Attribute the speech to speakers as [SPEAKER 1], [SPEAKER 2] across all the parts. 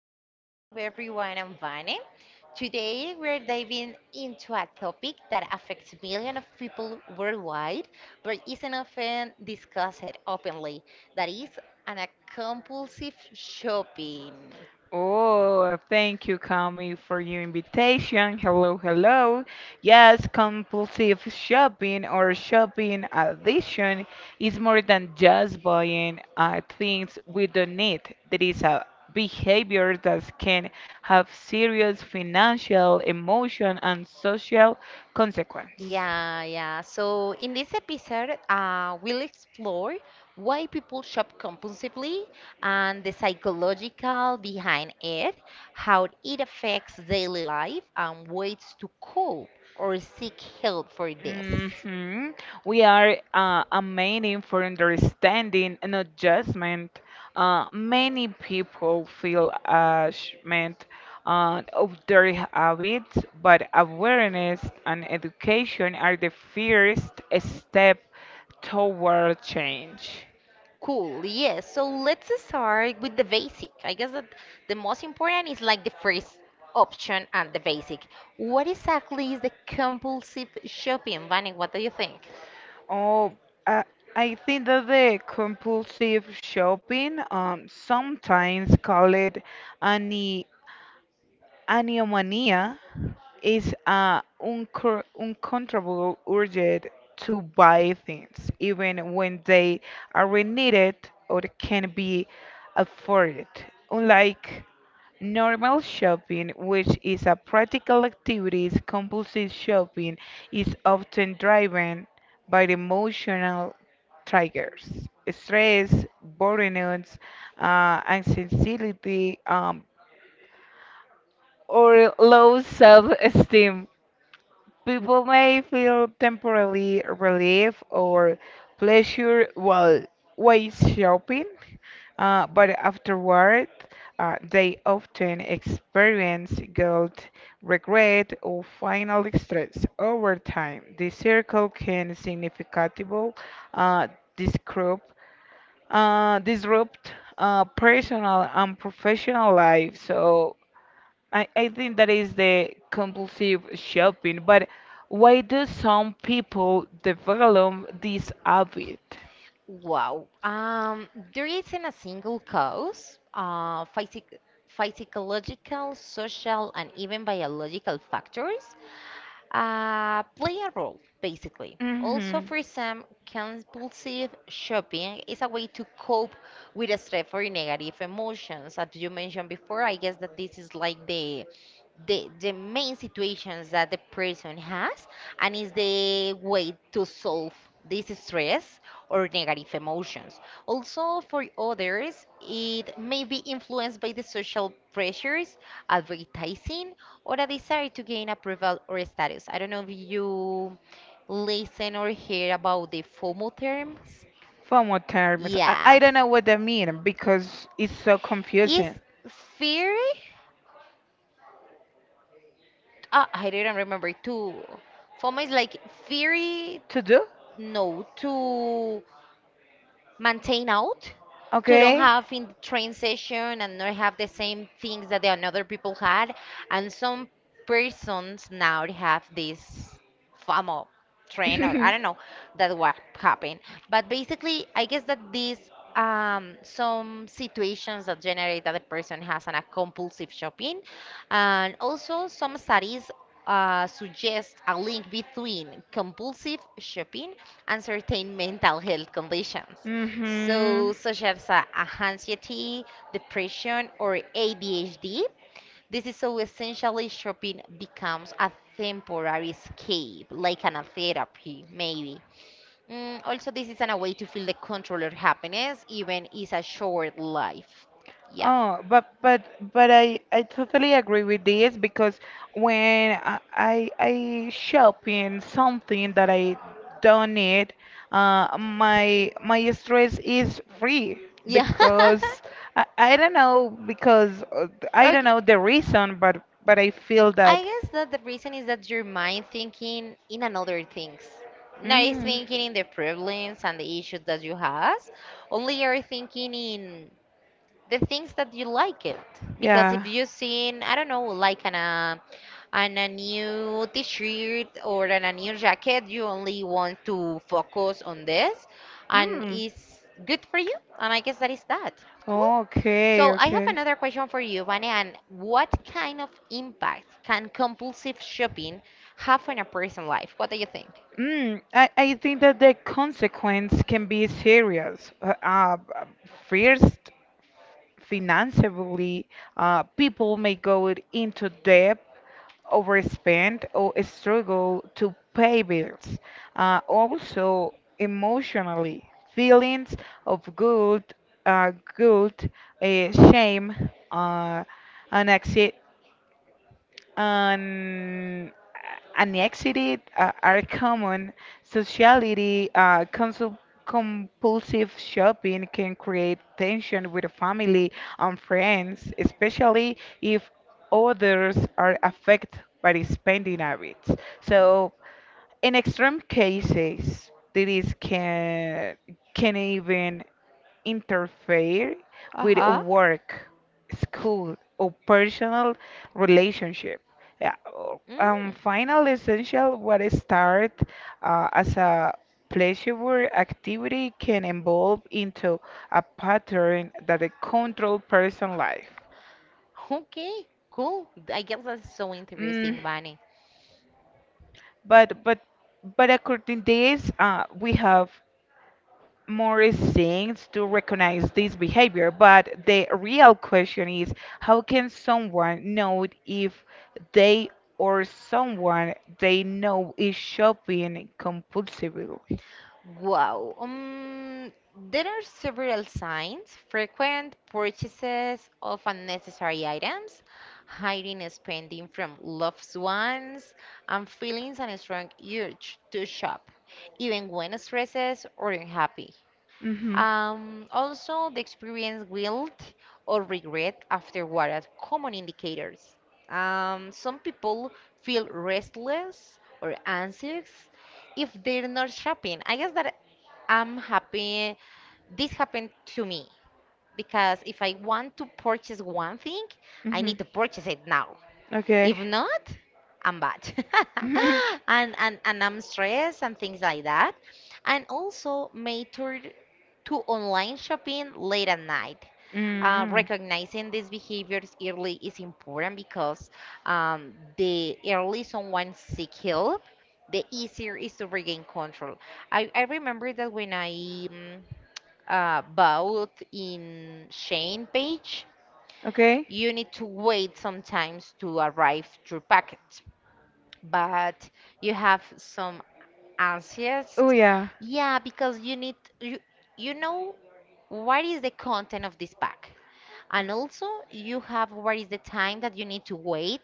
[SPEAKER 1] to the show, everyone. I'm Vane. Today, we're diving into a topic that affects millions of people worldwide, but isn't often discussed openly. That is an a compulsive shopping.
[SPEAKER 2] Oh, thank you, Kami, for your invitation. Hello, hello. Yes, compulsive shopping or shopping addiction is more than just buying things we don't need. There is a behavior that can have serious financial, emotional, and social consequence.
[SPEAKER 1] Yeah, yeah. So in this episode, we'll explore why people shop compulsively and the psychological behind it, how it affects daily life, and ways to cope or seek help for this.
[SPEAKER 2] hmm We are amazing for understanding and adjustment. Many people feel ashamed of their habits, but awareness and education are the first step toward change.
[SPEAKER 1] Cool, yes. So let's start with the basic. I guess that the most important is like the first option and the basic. What exactly is the compulsive shopping, Vani? What do you think?
[SPEAKER 2] Oh, I, I think that the compulsive shopping, sometimes called it Anemia is uncontrollable urge to buy things, even when they are needed or can be afforded. Unlike normal shopping, which is a practical activity, compulsive shopping is often driven by the emotional triggers, stress, burnout, anxiety, or low self esteem. People may feel temporarily relief or pleasure while shopping, but afterward, they often experience guilt, regret, or final distress over time. The circle can significantly uh, disrupt, disrupt personal and professional life. So I think that is the compulsive shopping, but why do some people develop this habit?
[SPEAKER 1] Wow. There isn't a single cause. Physic Physiological, social, and even biological factors play a role, basically. Also,
[SPEAKER 2] hmm
[SPEAKER 1] for some, compulsive shopping is a way to cope with stress or negative emotions. As you mentioned before, I guess that this is like the main situations that the person has and is the way to solve this stress or negative emotions. Also, for others, it may be influenced by the social pressures, advertising, or a desire to gain approval or status. I don't know if you listen or hear about the FOMO terms.
[SPEAKER 2] Formal terms. I,
[SPEAKER 1] Yeah.
[SPEAKER 2] I don't know what that mean because it's so
[SPEAKER 1] Is
[SPEAKER 2] confusing.
[SPEAKER 1] fear? I didn't remember too. FOMO is like fear.
[SPEAKER 2] To do?
[SPEAKER 1] No, to maintain out to don't
[SPEAKER 2] Okay.
[SPEAKER 1] have in the train session and not have the same things that the another people had, and some persons now they have this famo train or I don't know that what happened. But basically I guess that these some situations that generate that the person has an a compulsive shopping. And also some studies suggest a link between compulsive shopping and certain mental health conditions.
[SPEAKER 2] Mm-hmm.
[SPEAKER 1] So, such as a anxiety, depression, or ADHD, this is so essentially shopping becomes a temporary escape, like an therapy, maybe. Mm, also, this is an a way to feel the control of happiness, even is a short life. Yeah.
[SPEAKER 2] Oh, but I totally agree with this because when I shop in something that I don't need, my my stress is free
[SPEAKER 1] Yeah.
[SPEAKER 2] because I don't know because I
[SPEAKER 1] Okay.
[SPEAKER 2] don't know the reason, but I feel
[SPEAKER 1] I
[SPEAKER 2] that.
[SPEAKER 1] guess that the reason is that your mind thinking in another things. Not is
[SPEAKER 2] Mm.
[SPEAKER 1] thinking in the problems and the issues that you have. Only you're thinking in the things that you like it. Because
[SPEAKER 2] Yeah.
[SPEAKER 1] if you seen, I don't know, like an and a new t-shirt or and a new jacket, you only want to focus on this and
[SPEAKER 2] Mm.
[SPEAKER 1] it's good for you. And I guess that is that. Cool.
[SPEAKER 2] Okay,
[SPEAKER 1] So I have
[SPEAKER 2] okay.
[SPEAKER 1] another question for you, Vane, and what kind of impact can compulsive shopping have on a person's life? What do you think?
[SPEAKER 2] Mm, I think that the consequence can be serious. First, financially, people may go it into debt, overspend, or struggle to pay bills. Also, emotionally, feelings of guilt, uh, guilt, shame, and and anxiety are common. Sociality, compulsive shopping can create tension with family and friends, especially if others are affected by the spending habits. So, in extreme cases, this can even interfere with work, school, or personal relationship. Yeah,
[SPEAKER 1] Mm.
[SPEAKER 2] Final essential what is start as a pleasurable activity can evolve into a pattern that it control person life.
[SPEAKER 1] Okay, cool. I guess that's so
[SPEAKER 2] Mm,
[SPEAKER 1] interesting, Vane.
[SPEAKER 2] but but but according to this, we have more things to recognize this behavior, but the real question is how can someone know if they or someone they know is shopping compulsively?
[SPEAKER 1] Wow. There are several signs, frequent purchases of unnecessary items, hiding spending from loved ones, and feelings and a strong urge to shop, even when stressed or unhappy.
[SPEAKER 2] Mm-hmm.
[SPEAKER 1] Also, the experience guilt or regret afterward are common indicators. Some people feel restless or anxious if they're not shopping. I guess that I'm happy this happened to me because if I want to purchase one thing, I
[SPEAKER 2] Mm-hmm.
[SPEAKER 1] need to purchase it now.
[SPEAKER 2] Okay.
[SPEAKER 1] If not, I'm bad. And I'm stressed and things like that. And also mature to online shopping late at night.
[SPEAKER 2] mm
[SPEAKER 1] Recognizing these behaviors early is important because the early someone seek help, the easier is to regain control. I remember that when I mm, bought in Shane page,
[SPEAKER 2] Okay.
[SPEAKER 1] you need to wait sometimes to arrive your package, but you have some anxious.
[SPEAKER 2] Oh yeah.
[SPEAKER 1] Yeah, because you need you know what is the content of this pack, and also you have what is the time that you need to wait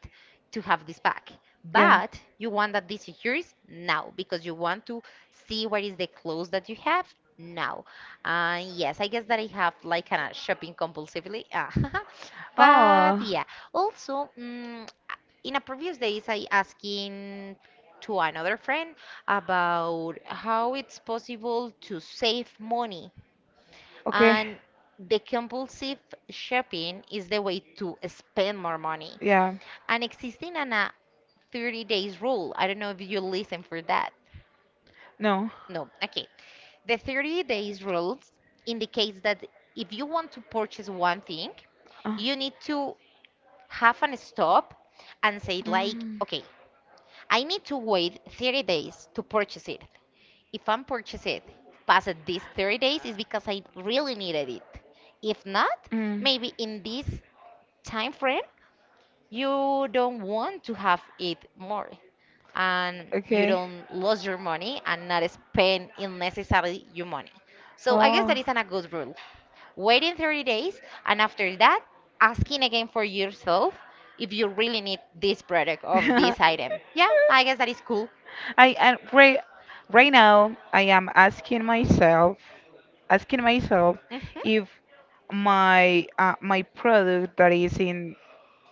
[SPEAKER 1] to have this pack,
[SPEAKER 2] Yeah.
[SPEAKER 1] but you want that this secures now because you want to see what is the clothes that you have now. Uh, yes, I guess that I have like kind of shopping compulsively. Ah, but
[SPEAKER 2] Oh,
[SPEAKER 1] yeah, also mm, in a previous days I asking to another friend about how it's possible to save money,
[SPEAKER 2] okay.
[SPEAKER 1] and the compulsive shopping is the way to spend more money.
[SPEAKER 2] Yeah.
[SPEAKER 1] And existing on a 30 days rule, I don't know if you listen for that.
[SPEAKER 2] No.
[SPEAKER 1] No, okay. The 30 days rules indicates that if you want to purchase one thing,
[SPEAKER 2] Uh,
[SPEAKER 1] you need to have an stop and say like,
[SPEAKER 2] mm,
[SPEAKER 1] okay, I need to wait 30 days to purchase it. If I'm purchase it past these 30 days, it's because I really needed it. If not,
[SPEAKER 2] mm,
[SPEAKER 1] maybe in this time frame, you don't want to have it more and you
[SPEAKER 2] okay.
[SPEAKER 1] don't lose your money and not spend unnecessarily your money. So I guess that
[SPEAKER 2] Oh.
[SPEAKER 1] is an, a good rule. Waiting 30 days and after that, asking again for yourself if you really need this product or this item. Yeah, I guess that is cool.
[SPEAKER 2] I and right now I am asking myself asking myself
[SPEAKER 1] Hmm.
[SPEAKER 2] if my product that is in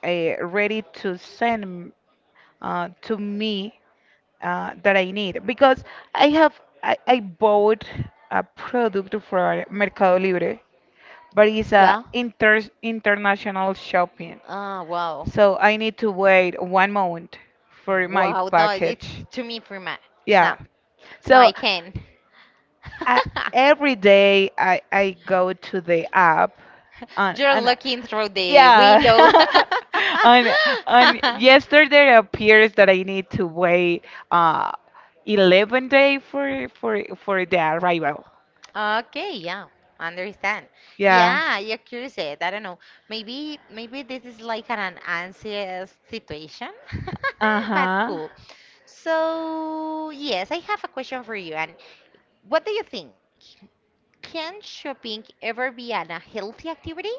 [SPEAKER 2] ready to send to me that I need because I have I bought a product for Mercado Libre, but it's a
[SPEAKER 1] Yeah.
[SPEAKER 2] international shopping,
[SPEAKER 1] Ah, wow.
[SPEAKER 2] so I need to wait 1 month for my
[SPEAKER 1] Wow, no,
[SPEAKER 2] package.
[SPEAKER 1] it's to me prima. No.
[SPEAKER 2] Yeah,
[SPEAKER 1] No,
[SPEAKER 2] so
[SPEAKER 1] I can.
[SPEAKER 2] I, every day I go to the app on
[SPEAKER 1] You're
[SPEAKER 2] on uh,
[SPEAKER 1] looking through the
[SPEAKER 2] yeah
[SPEAKER 1] window.
[SPEAKER 2] on on yesterday appears that I need to wait uh 11 day for the arrival.
[SPEAKER 1] Okay, yeah, understand.
[SPEAKER 2] Yeah.
[SPEAKER 1] Yeah, you're curious. I don't know. Maybe, maybe this is like an, anxious situation, but
[SPEAKER 2] Uh-huh.
[SPEAKER 1] cool. So, yes, I have a question for you. And what do you think? Can shopping ever be an, a healthy activity?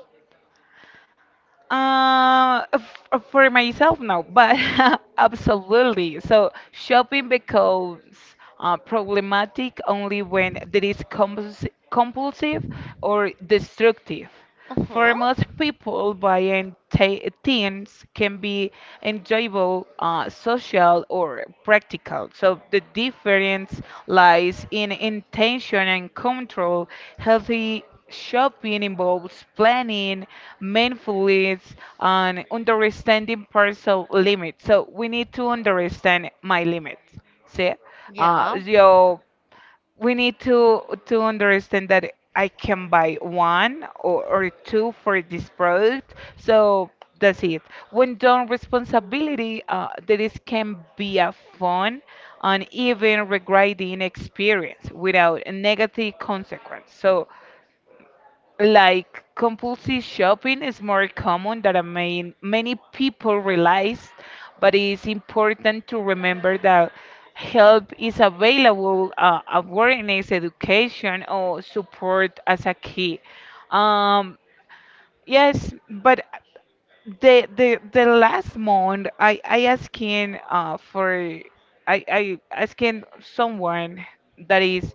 [SPEAKER 2] For myself, no, but absolutely. So shopping becomes problematic only when there is compulsive or destructive. For
[SPEAKER 1] Uh-huh.
[SPEAKER 2] most people, buying things can be enjoyable, social, or practical. So the difference lies in intention and control. Healthy shopping involves planning, mindfulness, and understanding personal limits. So we need to understand my limits. See,
[SPEAKER 1] Yeah.
[SPEAKER 2] your We need to understand that I can buy one or two for this product. So that's it. When done responsibility, there is can be a fun and even regretting experience without a negative consequence. So like compulsive shopping is more common than many people realize, but it's important to remember that help is available, awareness, education, or support as a key. Um, yes, but the last month I asking for I asking someone that is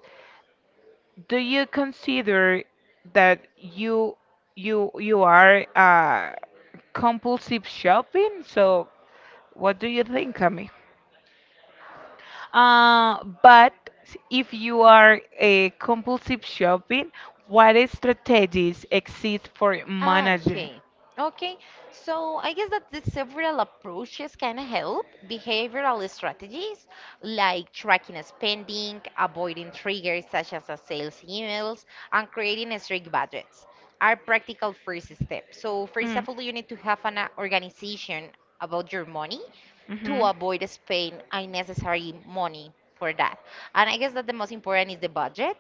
[SPEAKER 2] do you consider that you are compulsive shopping? So what do you think, Cami? Uh, but if you are a compulsive shopping, what strategies exist for
[SPEAKER 1] Ah,
[SPEAKER 2] managing?
[SPEAKER 1] okay. Okay. So I guess that the several approaches can help. Behavioral strategies like tracking spending, avoiding triggers such as a sales emails, and creating strict budgets are practical first steps. So first
[SPEAKER 2] Mm.
[SPEAKER 1] of all, you need to have an organization about your money to
[SPEAKER 2] Mhm.
[SPEAKER 1] avoid spending unnecessary money for that. And I guess that the most important is the budget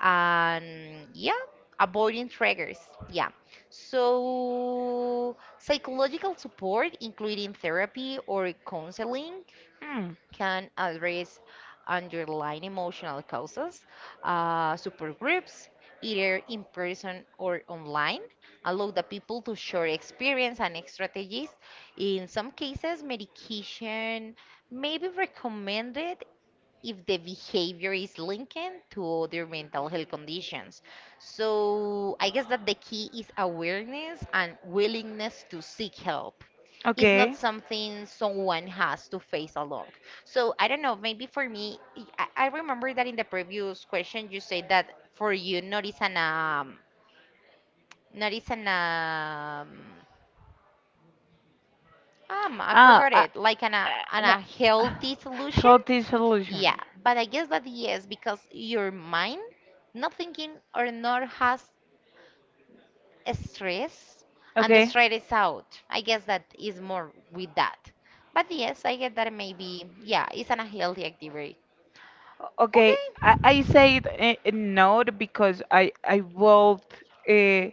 [SPEAKER 1] and yeah, avoiding triggers. Yeah. So, psychological support, including therapy or counseling,
[SPEAKER 2] Mm.
[SPEAKER 1] can address underlying emotional causes, supergroups, either in person or online, allow the people to share experience and strategies. In some cases, medication may be recommended if the behavior is linked to other mental health conditions. So I guess that the key is awareness and willingness to seek help. It's not
[SPEAKER 2] Okay.
[SPEAKER 1] something someone has to face alone. So I don't know, maybe for me, I remember that in the previous question you said that for you, not is an not is an I
[SPEAKER 2] Ah,
[SPEAKER 1] forgot
[SPEAKER 2] uh,
[SPEAKER 1] it, like an
[SPEAKER 2] uh, no.
[SPEAKER 1] a healthy solution.
[SPEAKER 2] Healthy solution.
[SPEAKER 1] Yeah, but I guess that yes, because your mind not thinking or not has a stress and the
[SPEAKER 2] Okay.
[SPEAKER 1] stress is out. I guess that is more with that. But yes, I get that maybe, yeah, it's an unhealthy activity.
[SPEAKER 2] Okay, I
[SPEAKER 1] Okay.
[SPEAKER 2] said not because I would uh,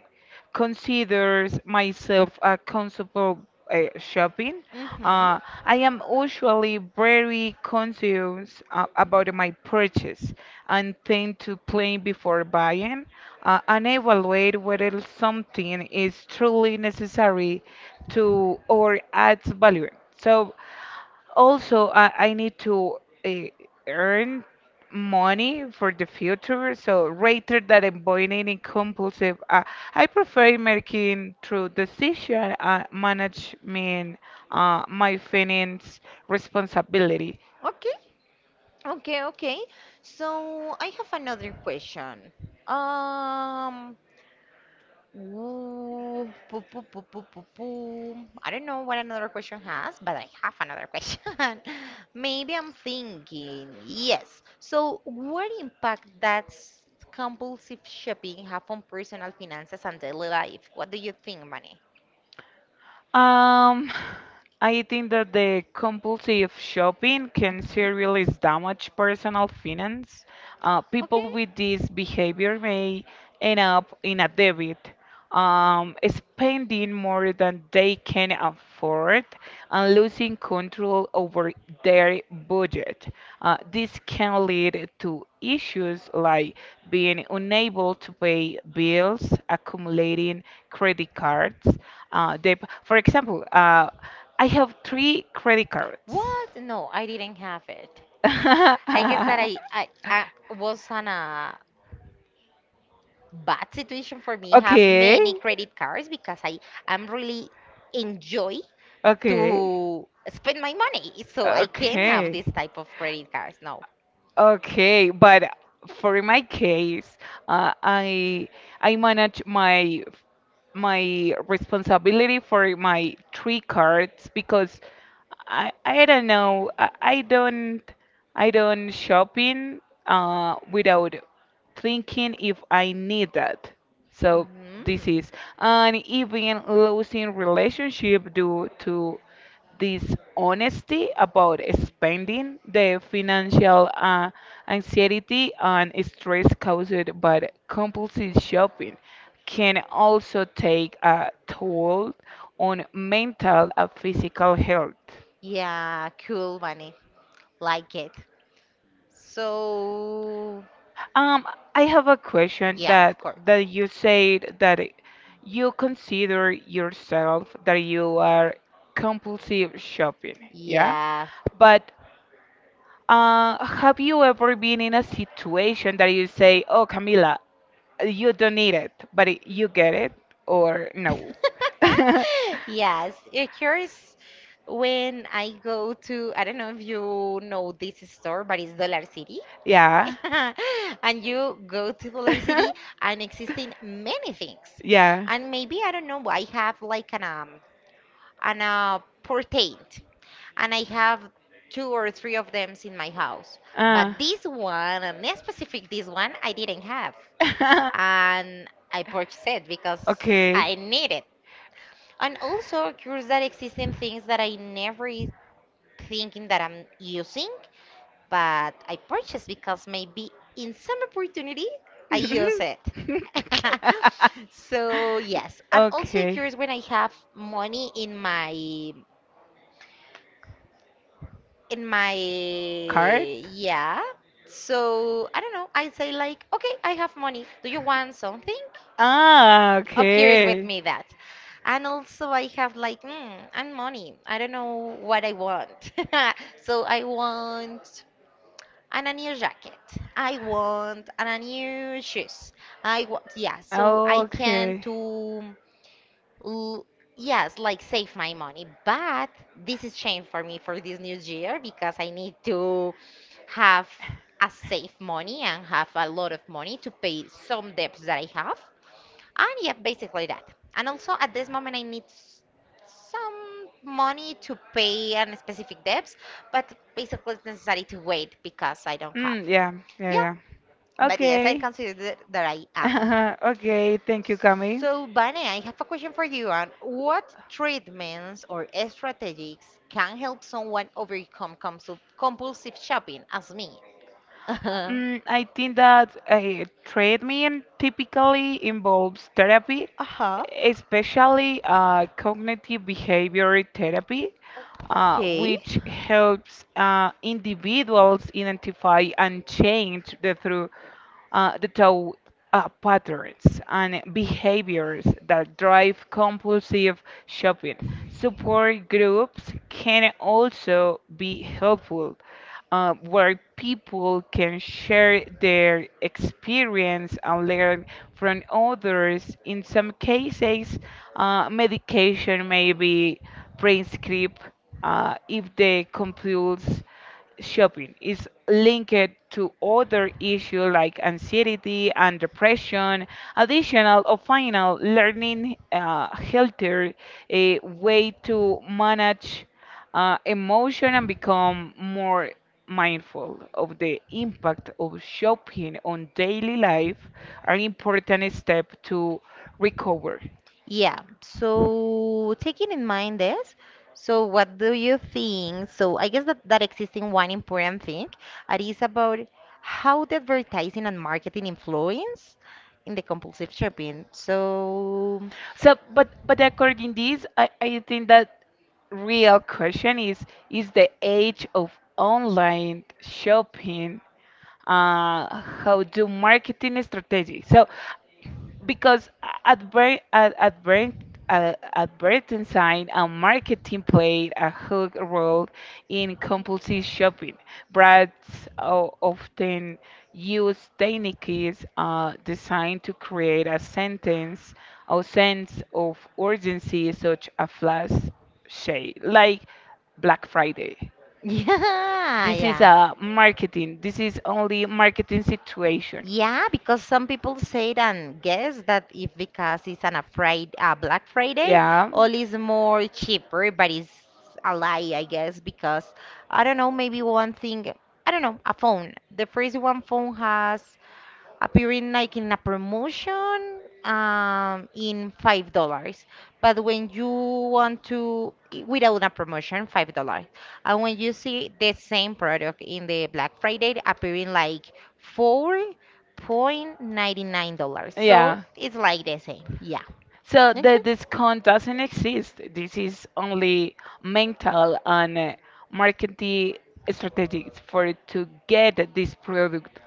[SPEAKER 2] consider myself a consumable shopping.
[SPEAKER 1] Mm-hmm.
[SPEAKER 2] Uh, I am usually very conscious about my purchase and tend to plan before buying and evaluate whether something is truly necessary to or adds value. So also, I need to uh, earn money for the future. So rather than avoiding in compulsive, I prefer making through decision management my finance responsibility.
[SPEAKER 1] Okay. Okay, okay. So I have another question. Um, Ooh, poo, poo, poo, poo, poo, poo. I don't know what another question has, but I have another question. Maybe I'm thinking. Yes. So, what impact does compulsive shopping have on personal finances and daily life? What do you think, Manny?
[SPEAKER 2] Um, I think that the compulsive shopping can
[SPEAKER 1] Hmm.
[SPEAKER 2] seriously damage personal finance. People
[SPEAKER 1] Okay.
[SPEAKER 2] with this behavior may end up in a debt, spending more than they can afford and losing control over their budget. This can lead to issues like being unable to pay bills, accumulating credit cards, debt. For example, I have three credit cards.
[SPEAKER 1] What? No, I didn't have it. I guess that I I, I was on a bad situation for me have
[SPEAKER 2] Okay.
[SPEAKER 1] many credit cards because I am really enjoy
[SPEAKER 2] Okay.
[SPEAKER 1] to spend my money, so I can't have this
[SPEAKER 2] Okay.
[SPEAKER 1] type of credit cards. No.
[SPEAKER 2] Okay, but for my case, uh, I I manage my responsibility for my three cards because I I don't know I, I don't I don't shopping without thinking if I need that. So this
[SPEAKER 1] Hmm.
[SPEAKER 2] is and even losing relationship due to this honesty about spending the financial anxiety and stress caused by compulsive shopping can also take a toll on mental and physical health.
[SPEAKER 1] Yeah, cool money, like it. So
[SPEAKER 2] Um, I have a question
[SPEAKER 1] yeah, of
[SPEAKER 2] that
[SPEAKER 1] course.
[SPEAKER 2] that you said that you consider yourself that you are compulsive shopping, yeah?
[SPEAKER 1] Yeah.
[SPEAKER 2] But have you ever been in a situation that you say, "Oh, Camila, you don't need it," but you get it, or no?
[SPEAKER 1] Yes, it occurs when I go to, I don't know if you know this store, but it's Dollar City.
[SPEAKER 2] Yeah.
[SPEAKER 1] And you go to the other city and existing many things.
[SPEAKER 2] yeah.
[SPEAKER 1] And maybe I don't know, I have like an portent and I have two or three of them in my house. But
[SPEAKER 2] Uh.
[SPEAKER 1] this one and specific this one I didn't have. And I purchased it because
[SPEAKER 2] okay.
[SPEAKER 1] I need it. And also curious that existing things that I never is thinking that I'm using but I purchased because maybe in some opportunity I use it. So yes, and also
[SPEAKER 2] okay.
[SPEAKER 1] curious when I have money in my
[SPEAKER 2] Card?
[SPEAKER 1] yeah. So I don't know. I say like, okay, I have money. Do you want something?
[SPEAKER 2] Ah,
[SPEAKER 1] Occurs with
[SPEAKER 2] okay.
[SPEAKER 1] me that. And also, I have like, mm, I money. I don't know what I want. So I want and a new jacket. I want and a new shoes. I want yeah, so I can
[SPEAKER 2] Okay.
[SPEAKER 1] to l- yes, like save my money. But this is changed for me for this new year because I need to have a safe money and have a lot of money to pay some debts that I have. And yeah, basically that. And also at this moment I need s- some money to pay on specific debts, but basically it's necessary to wait because I don't have.
[SPEAKER 2] Mm, yeah, yeah,
[SPEAKER 1] Yeah,
[SPEAKER 2] Yeah. yeah.
[SPEAKER 1] but yes, I
[SPEAKER 2] Okay.
[SPEAKER 1] consider that I am.
[SPEAKER 2] Okay, thank you, Cami.
[SPEAKER 1] So, Bunny, I have a question for you on what treatments or strategies can help someone overcome compulsive shopping as me?
[SPEAKER 2] I think that treatment typically involves therapy,
[SPEAKER 1] Uh huh.
[SPEAKER 2] especially cognitive behavioral therapy,
[SPEAKER 1] Okay.
[SPEAKER 2] which helps individuals identify and change the through the thought patterns and behaviors that drive compulsive shopping. Support groups can also be helpful, where people can share their experience and learn from others. In some cases, medication may be prescribed if the compulse shopping is linked to other issues like anxiety and depression. Additional or final learning healthier a way to manage emotion and become more mindful of the impact of shopping on daily life are important step to recover.
[SPEAKER 1] Yeah, so taking in mind this, so what do you think? So I guess that, that existing one important thing and is about how the advertising and marketing influence in the compulsive shopping. So
[SPEAKER 2] So, but according this, I think that real question is the age of online shopping. How do marketing strategy? So because adver- ad- adver- advertising and marketing played a huge role in compulsive shopping. Brands often use techniques designed to create a sentence or sense of urgency, such a flash sale, like Black Friday.
[SPEAKER 1] yeah,
[SPEAKER 2] This is
[SPEAKER 1] yeah.
[SPEAKER 2] a marketing. This is only marketing situation.
[SPEAKER 1] Yeah, because some people say and guess that if because it's an afraid Black Friday,
[SPEAKER 2] Yeah.
[SPEAKER 1] all is more cheaper, but it's a lie, I guess, because I don't know, maybe one thing, I don't know, a phone. The first one phone has appearing like in a promotion in $5. But when you want to without a promotion, $5. And when you see the same product in the Black Friday appearing like $4.99. So
[SPEAKER 2] Yeah.
[SPEAKER 1] it's like the same. Yeah.
[SPEAKER 2] So the
[SPEAKER 1] Okay.
[SPEAKER 2] discount doesn't exist. This is only mental and marketing strategies for to get this product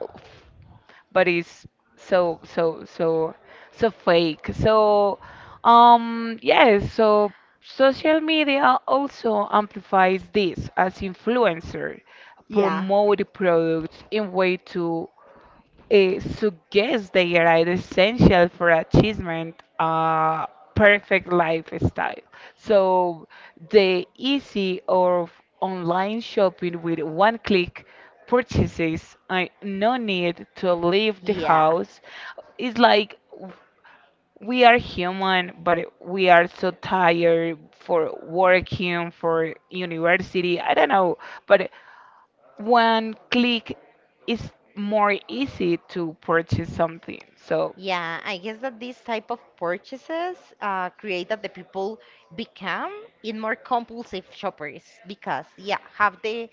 [SPEAKER 2] but it's so so so so fake. So yes, so social media also amplifies this as influencers
[SPEAKER 1] Yeah.
[SPEAKER 2] promote products in way to suggests they are essential for achievement a perfect lifestyle. So the easy of online shopping with one click purchases I no need to leave the
[SPEAKER 1] Yeah.
[SPEAKER 2] house. It's like we are human, but we are so tired for working, for university. I don't know, but one click is more easy to purchase something. So
[SPEAKER 1] Yeah, I guess that these type of purchases create that the people become in more compulsive shoppers because yeah, have the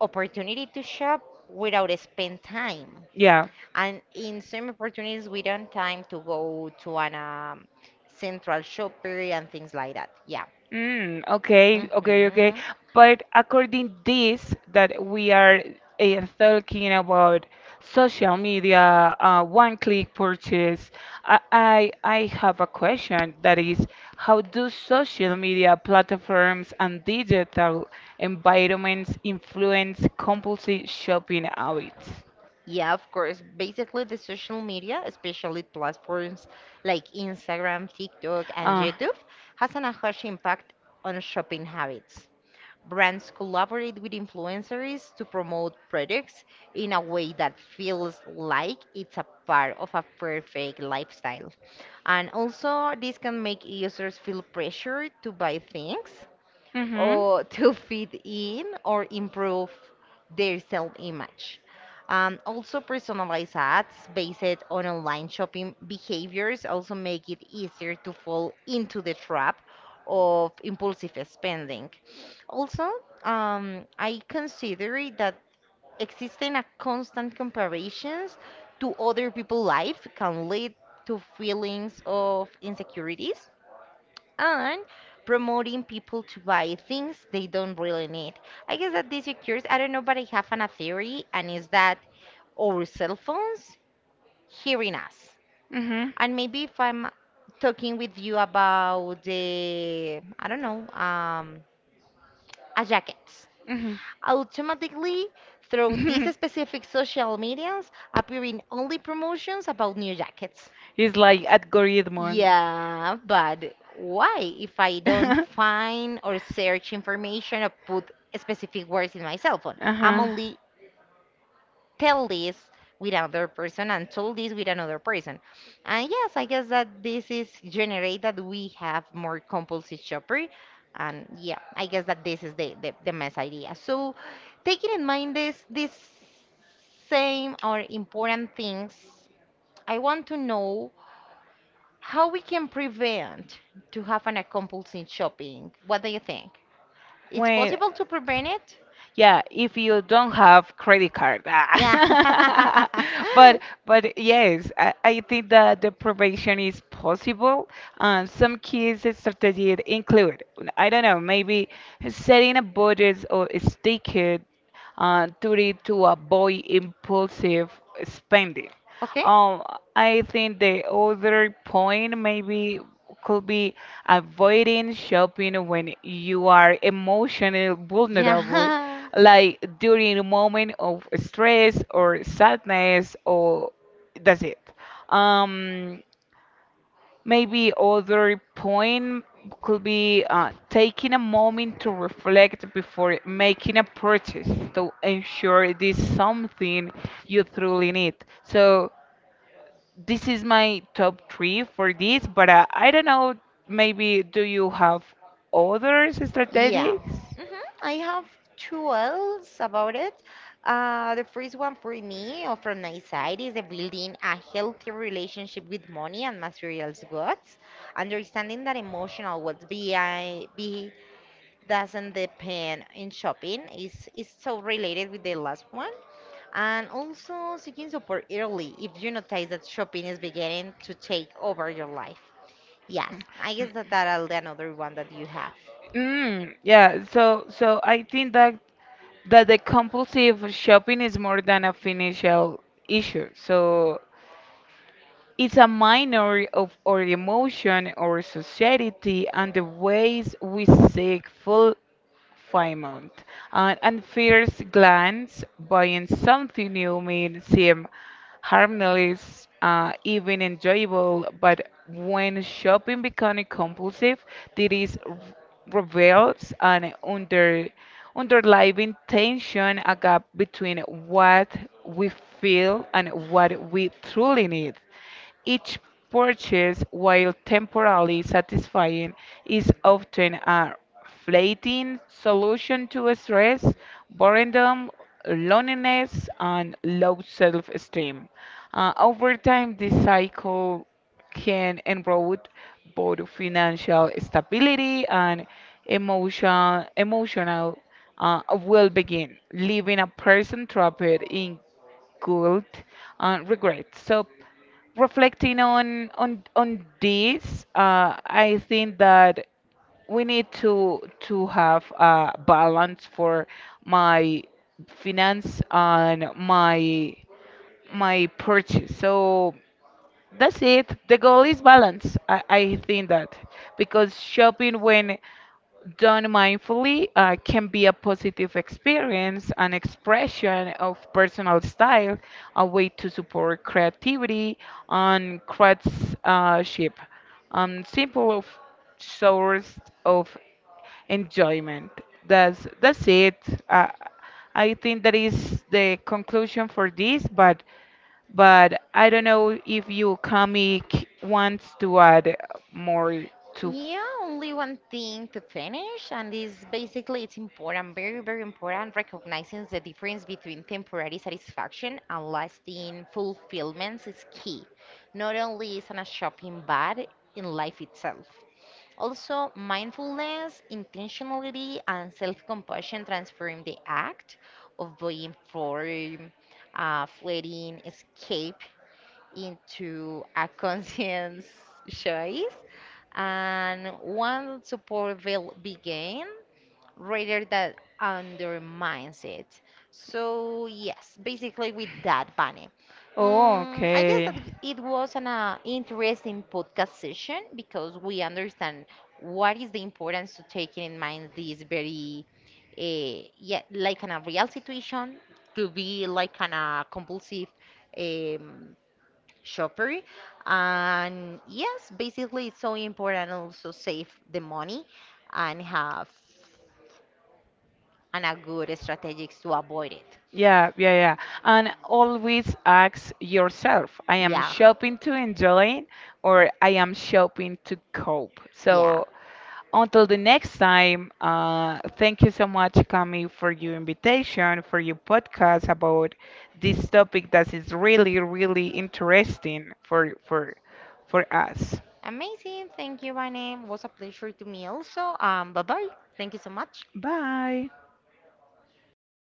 [SPEAKER 1] opportunity to shop without spend time.
[SPEAKER 2] yeah.
[SPEAKER 1] And in some opportunities we don't time to go to an central shopper and things like that. Yeah.
[SPEAKER 2] Mm, okay, okay, okay.
[SPEAKER 1] hmm
[SPEAKER 2] But according this that we are talking about social media, one click purchase, I have a question that is how do social media platforms and digital environments influence compulsive shopping habits?
[SPEAKER 1] Yeah, of course. Basically, the social media, especially platforms like Instagram, TikTok, and
[SPEAKER 2] Uh,
[SPEAKER 1] YouTube, has an a huge impact on shopping habits. Brands collaborate with influencers to promote products in a way that feels like it's a part of a perfect lifestyle. And also, this can make users feel pressured to buy things
[SPEAKER 2] mm-hmm. Mm-hmm.
[SPEAKER 1] or to fit in or improve their self-image. Also, personalized ads based on online shopping behaviors also make it easier to fall into the trap of impulsive spending. Also, I consider it that existing a constant comparisons to other people's life can lead to feelings of insecurities and promoting people to buy things they don't really need. I guess that this occurs, I don't know, but I have a theory, and is that our cell phones hearing us. And maybe if I'm talking with you about I don't know, a jacket, automatically through these
[SPEAKER 2] Mm-hmm.
[SPEAKER 1] specific social medias appearing only promotions about new jackets.
[SPEAKER 2] It's like algorithm. And-
[SPEAKER 1] Yeah, but why if I don't find or search information or put specific words in my cell phone? I'm
[SPEAKER 2] Uh-huh.
[SPEAKER 1] only tell this with another person and told this with another person. And yes, I guess that this is generate that we have more compulsive shopper. And yeah, I guess that this is the mess idea. So taking in mind this same or important things, I want to know. How we can prevent to have an compulsive shopping? What do you think? It's
[SPEAKER 2] When
[SPEAKER 1] possible to prevent it?
[SPEAKER 2] yeah, if you don't have credit card.
[SPEAKER 1] Yeah.
[SPEAKER 2] Ah. But yes, I think that the prevention is possible. Some kids' strategies include, I don't know, maybe setting a budget or a sticker to it to avoid impulsive spending.
[SPEAKER 1] Okay.
[SPEAKER 2] Um, I think the other point maybe could be avoiding shopping when you are emotionally vulnerable,
[SPEAKER 1] Yeah.
[SPEAKER 2] like during a moment of stress or sadness, or that's it. Um, Maybe other point could be taking a moment to reflect before making a purchase to ensure it is something you truly need. So this is my top three for this, but I don't know. Maybe do you have other
[SPEAKER 1] Yeah.
[SPEAKER 2] strategies?
[SPEAKER 1] hmm I have two else about it. The first one for me or from my side is the building a healthy relationship with money and materials goods, understanding that emotional well-being doesn't depend in shopping. It's so related with the last one. And also seeking support early if you notice that shopping is beginning to take over your life. Yes, I guess that that'll be another one that you have.
[SPEAKER 2] Mm, yeah. So so I think that that the compulsive shopping is more than a financial issue. So it's a minor of our emotion, our society, and the ways we seek full 5 months. An unfierce glance, buying something new may seem harmless, even enjoyable, but when shopping becomes compulsive, there is r- reveals an underlying tension, a gap between what we feel and what we truly need. Each purchase, while temporarily satisfying, is often a fleeting solution to stress, boredom, loneliness, and low self esteem. Over time, this cycle can erode both financial stability and emotional emotional well-being, leaving a person trapped in guilt and regret. So reflecting on this I think that we need to have a balance for my finance and my purchase so that's it the goal is balance I think that because shopping when done mindfully can be a positive experience, an expression of personal style, a way to support creativity and craftsmanship, simple of source of enjoyment. That's it. Uh, I think that is the conclusion for this, but I don't know if you comic wants to add more to.
[SPEAKER 1] Yeah, only one thing to finish, and is basically it's important, very, very important, recognizing the difference between temporary satisfaction and lasting fulfillments is key. Not only is on a shopping, but in life itself. Also, mindfulness, intentionality, and self compassion transform the act of being form, fleeting escape into a conscious choice. And once support will begin, rather that undermines it. So yes, basically with that, Bunny.
[SPEAKER 2] Oh,
[SPEAKER 1] Mm, I guess
[SPEAKER 2] okay.
[SPEAKER 1] that it was an interesting podcast session because we understand what is the importance to taking in mind this very, yeah, like in a real situation to be like an a compulsive um, shopper. And yes, basically it's so important also save the money and have and a good strategies to avoid it.
[SPEAKER 2] Yeah, yeah, yeah. And always ask yourself, I am
[SPEAKER 1] Yeah.
[SPEAKER 2] shopping to enjoy or I am shopping to cope.
[SPEAKER 1] Yeah.
[SPEAKER 2] So until the next time, thank you so much, Cami, for your invitation, for your podcast about this topic that is really, really interesting for us.
[SPEAKER 1] Amazing. Thank you, Vane. Was a pleasure to me also. Bye bye. Thank you so much.
[SPEAKER 2] Bye.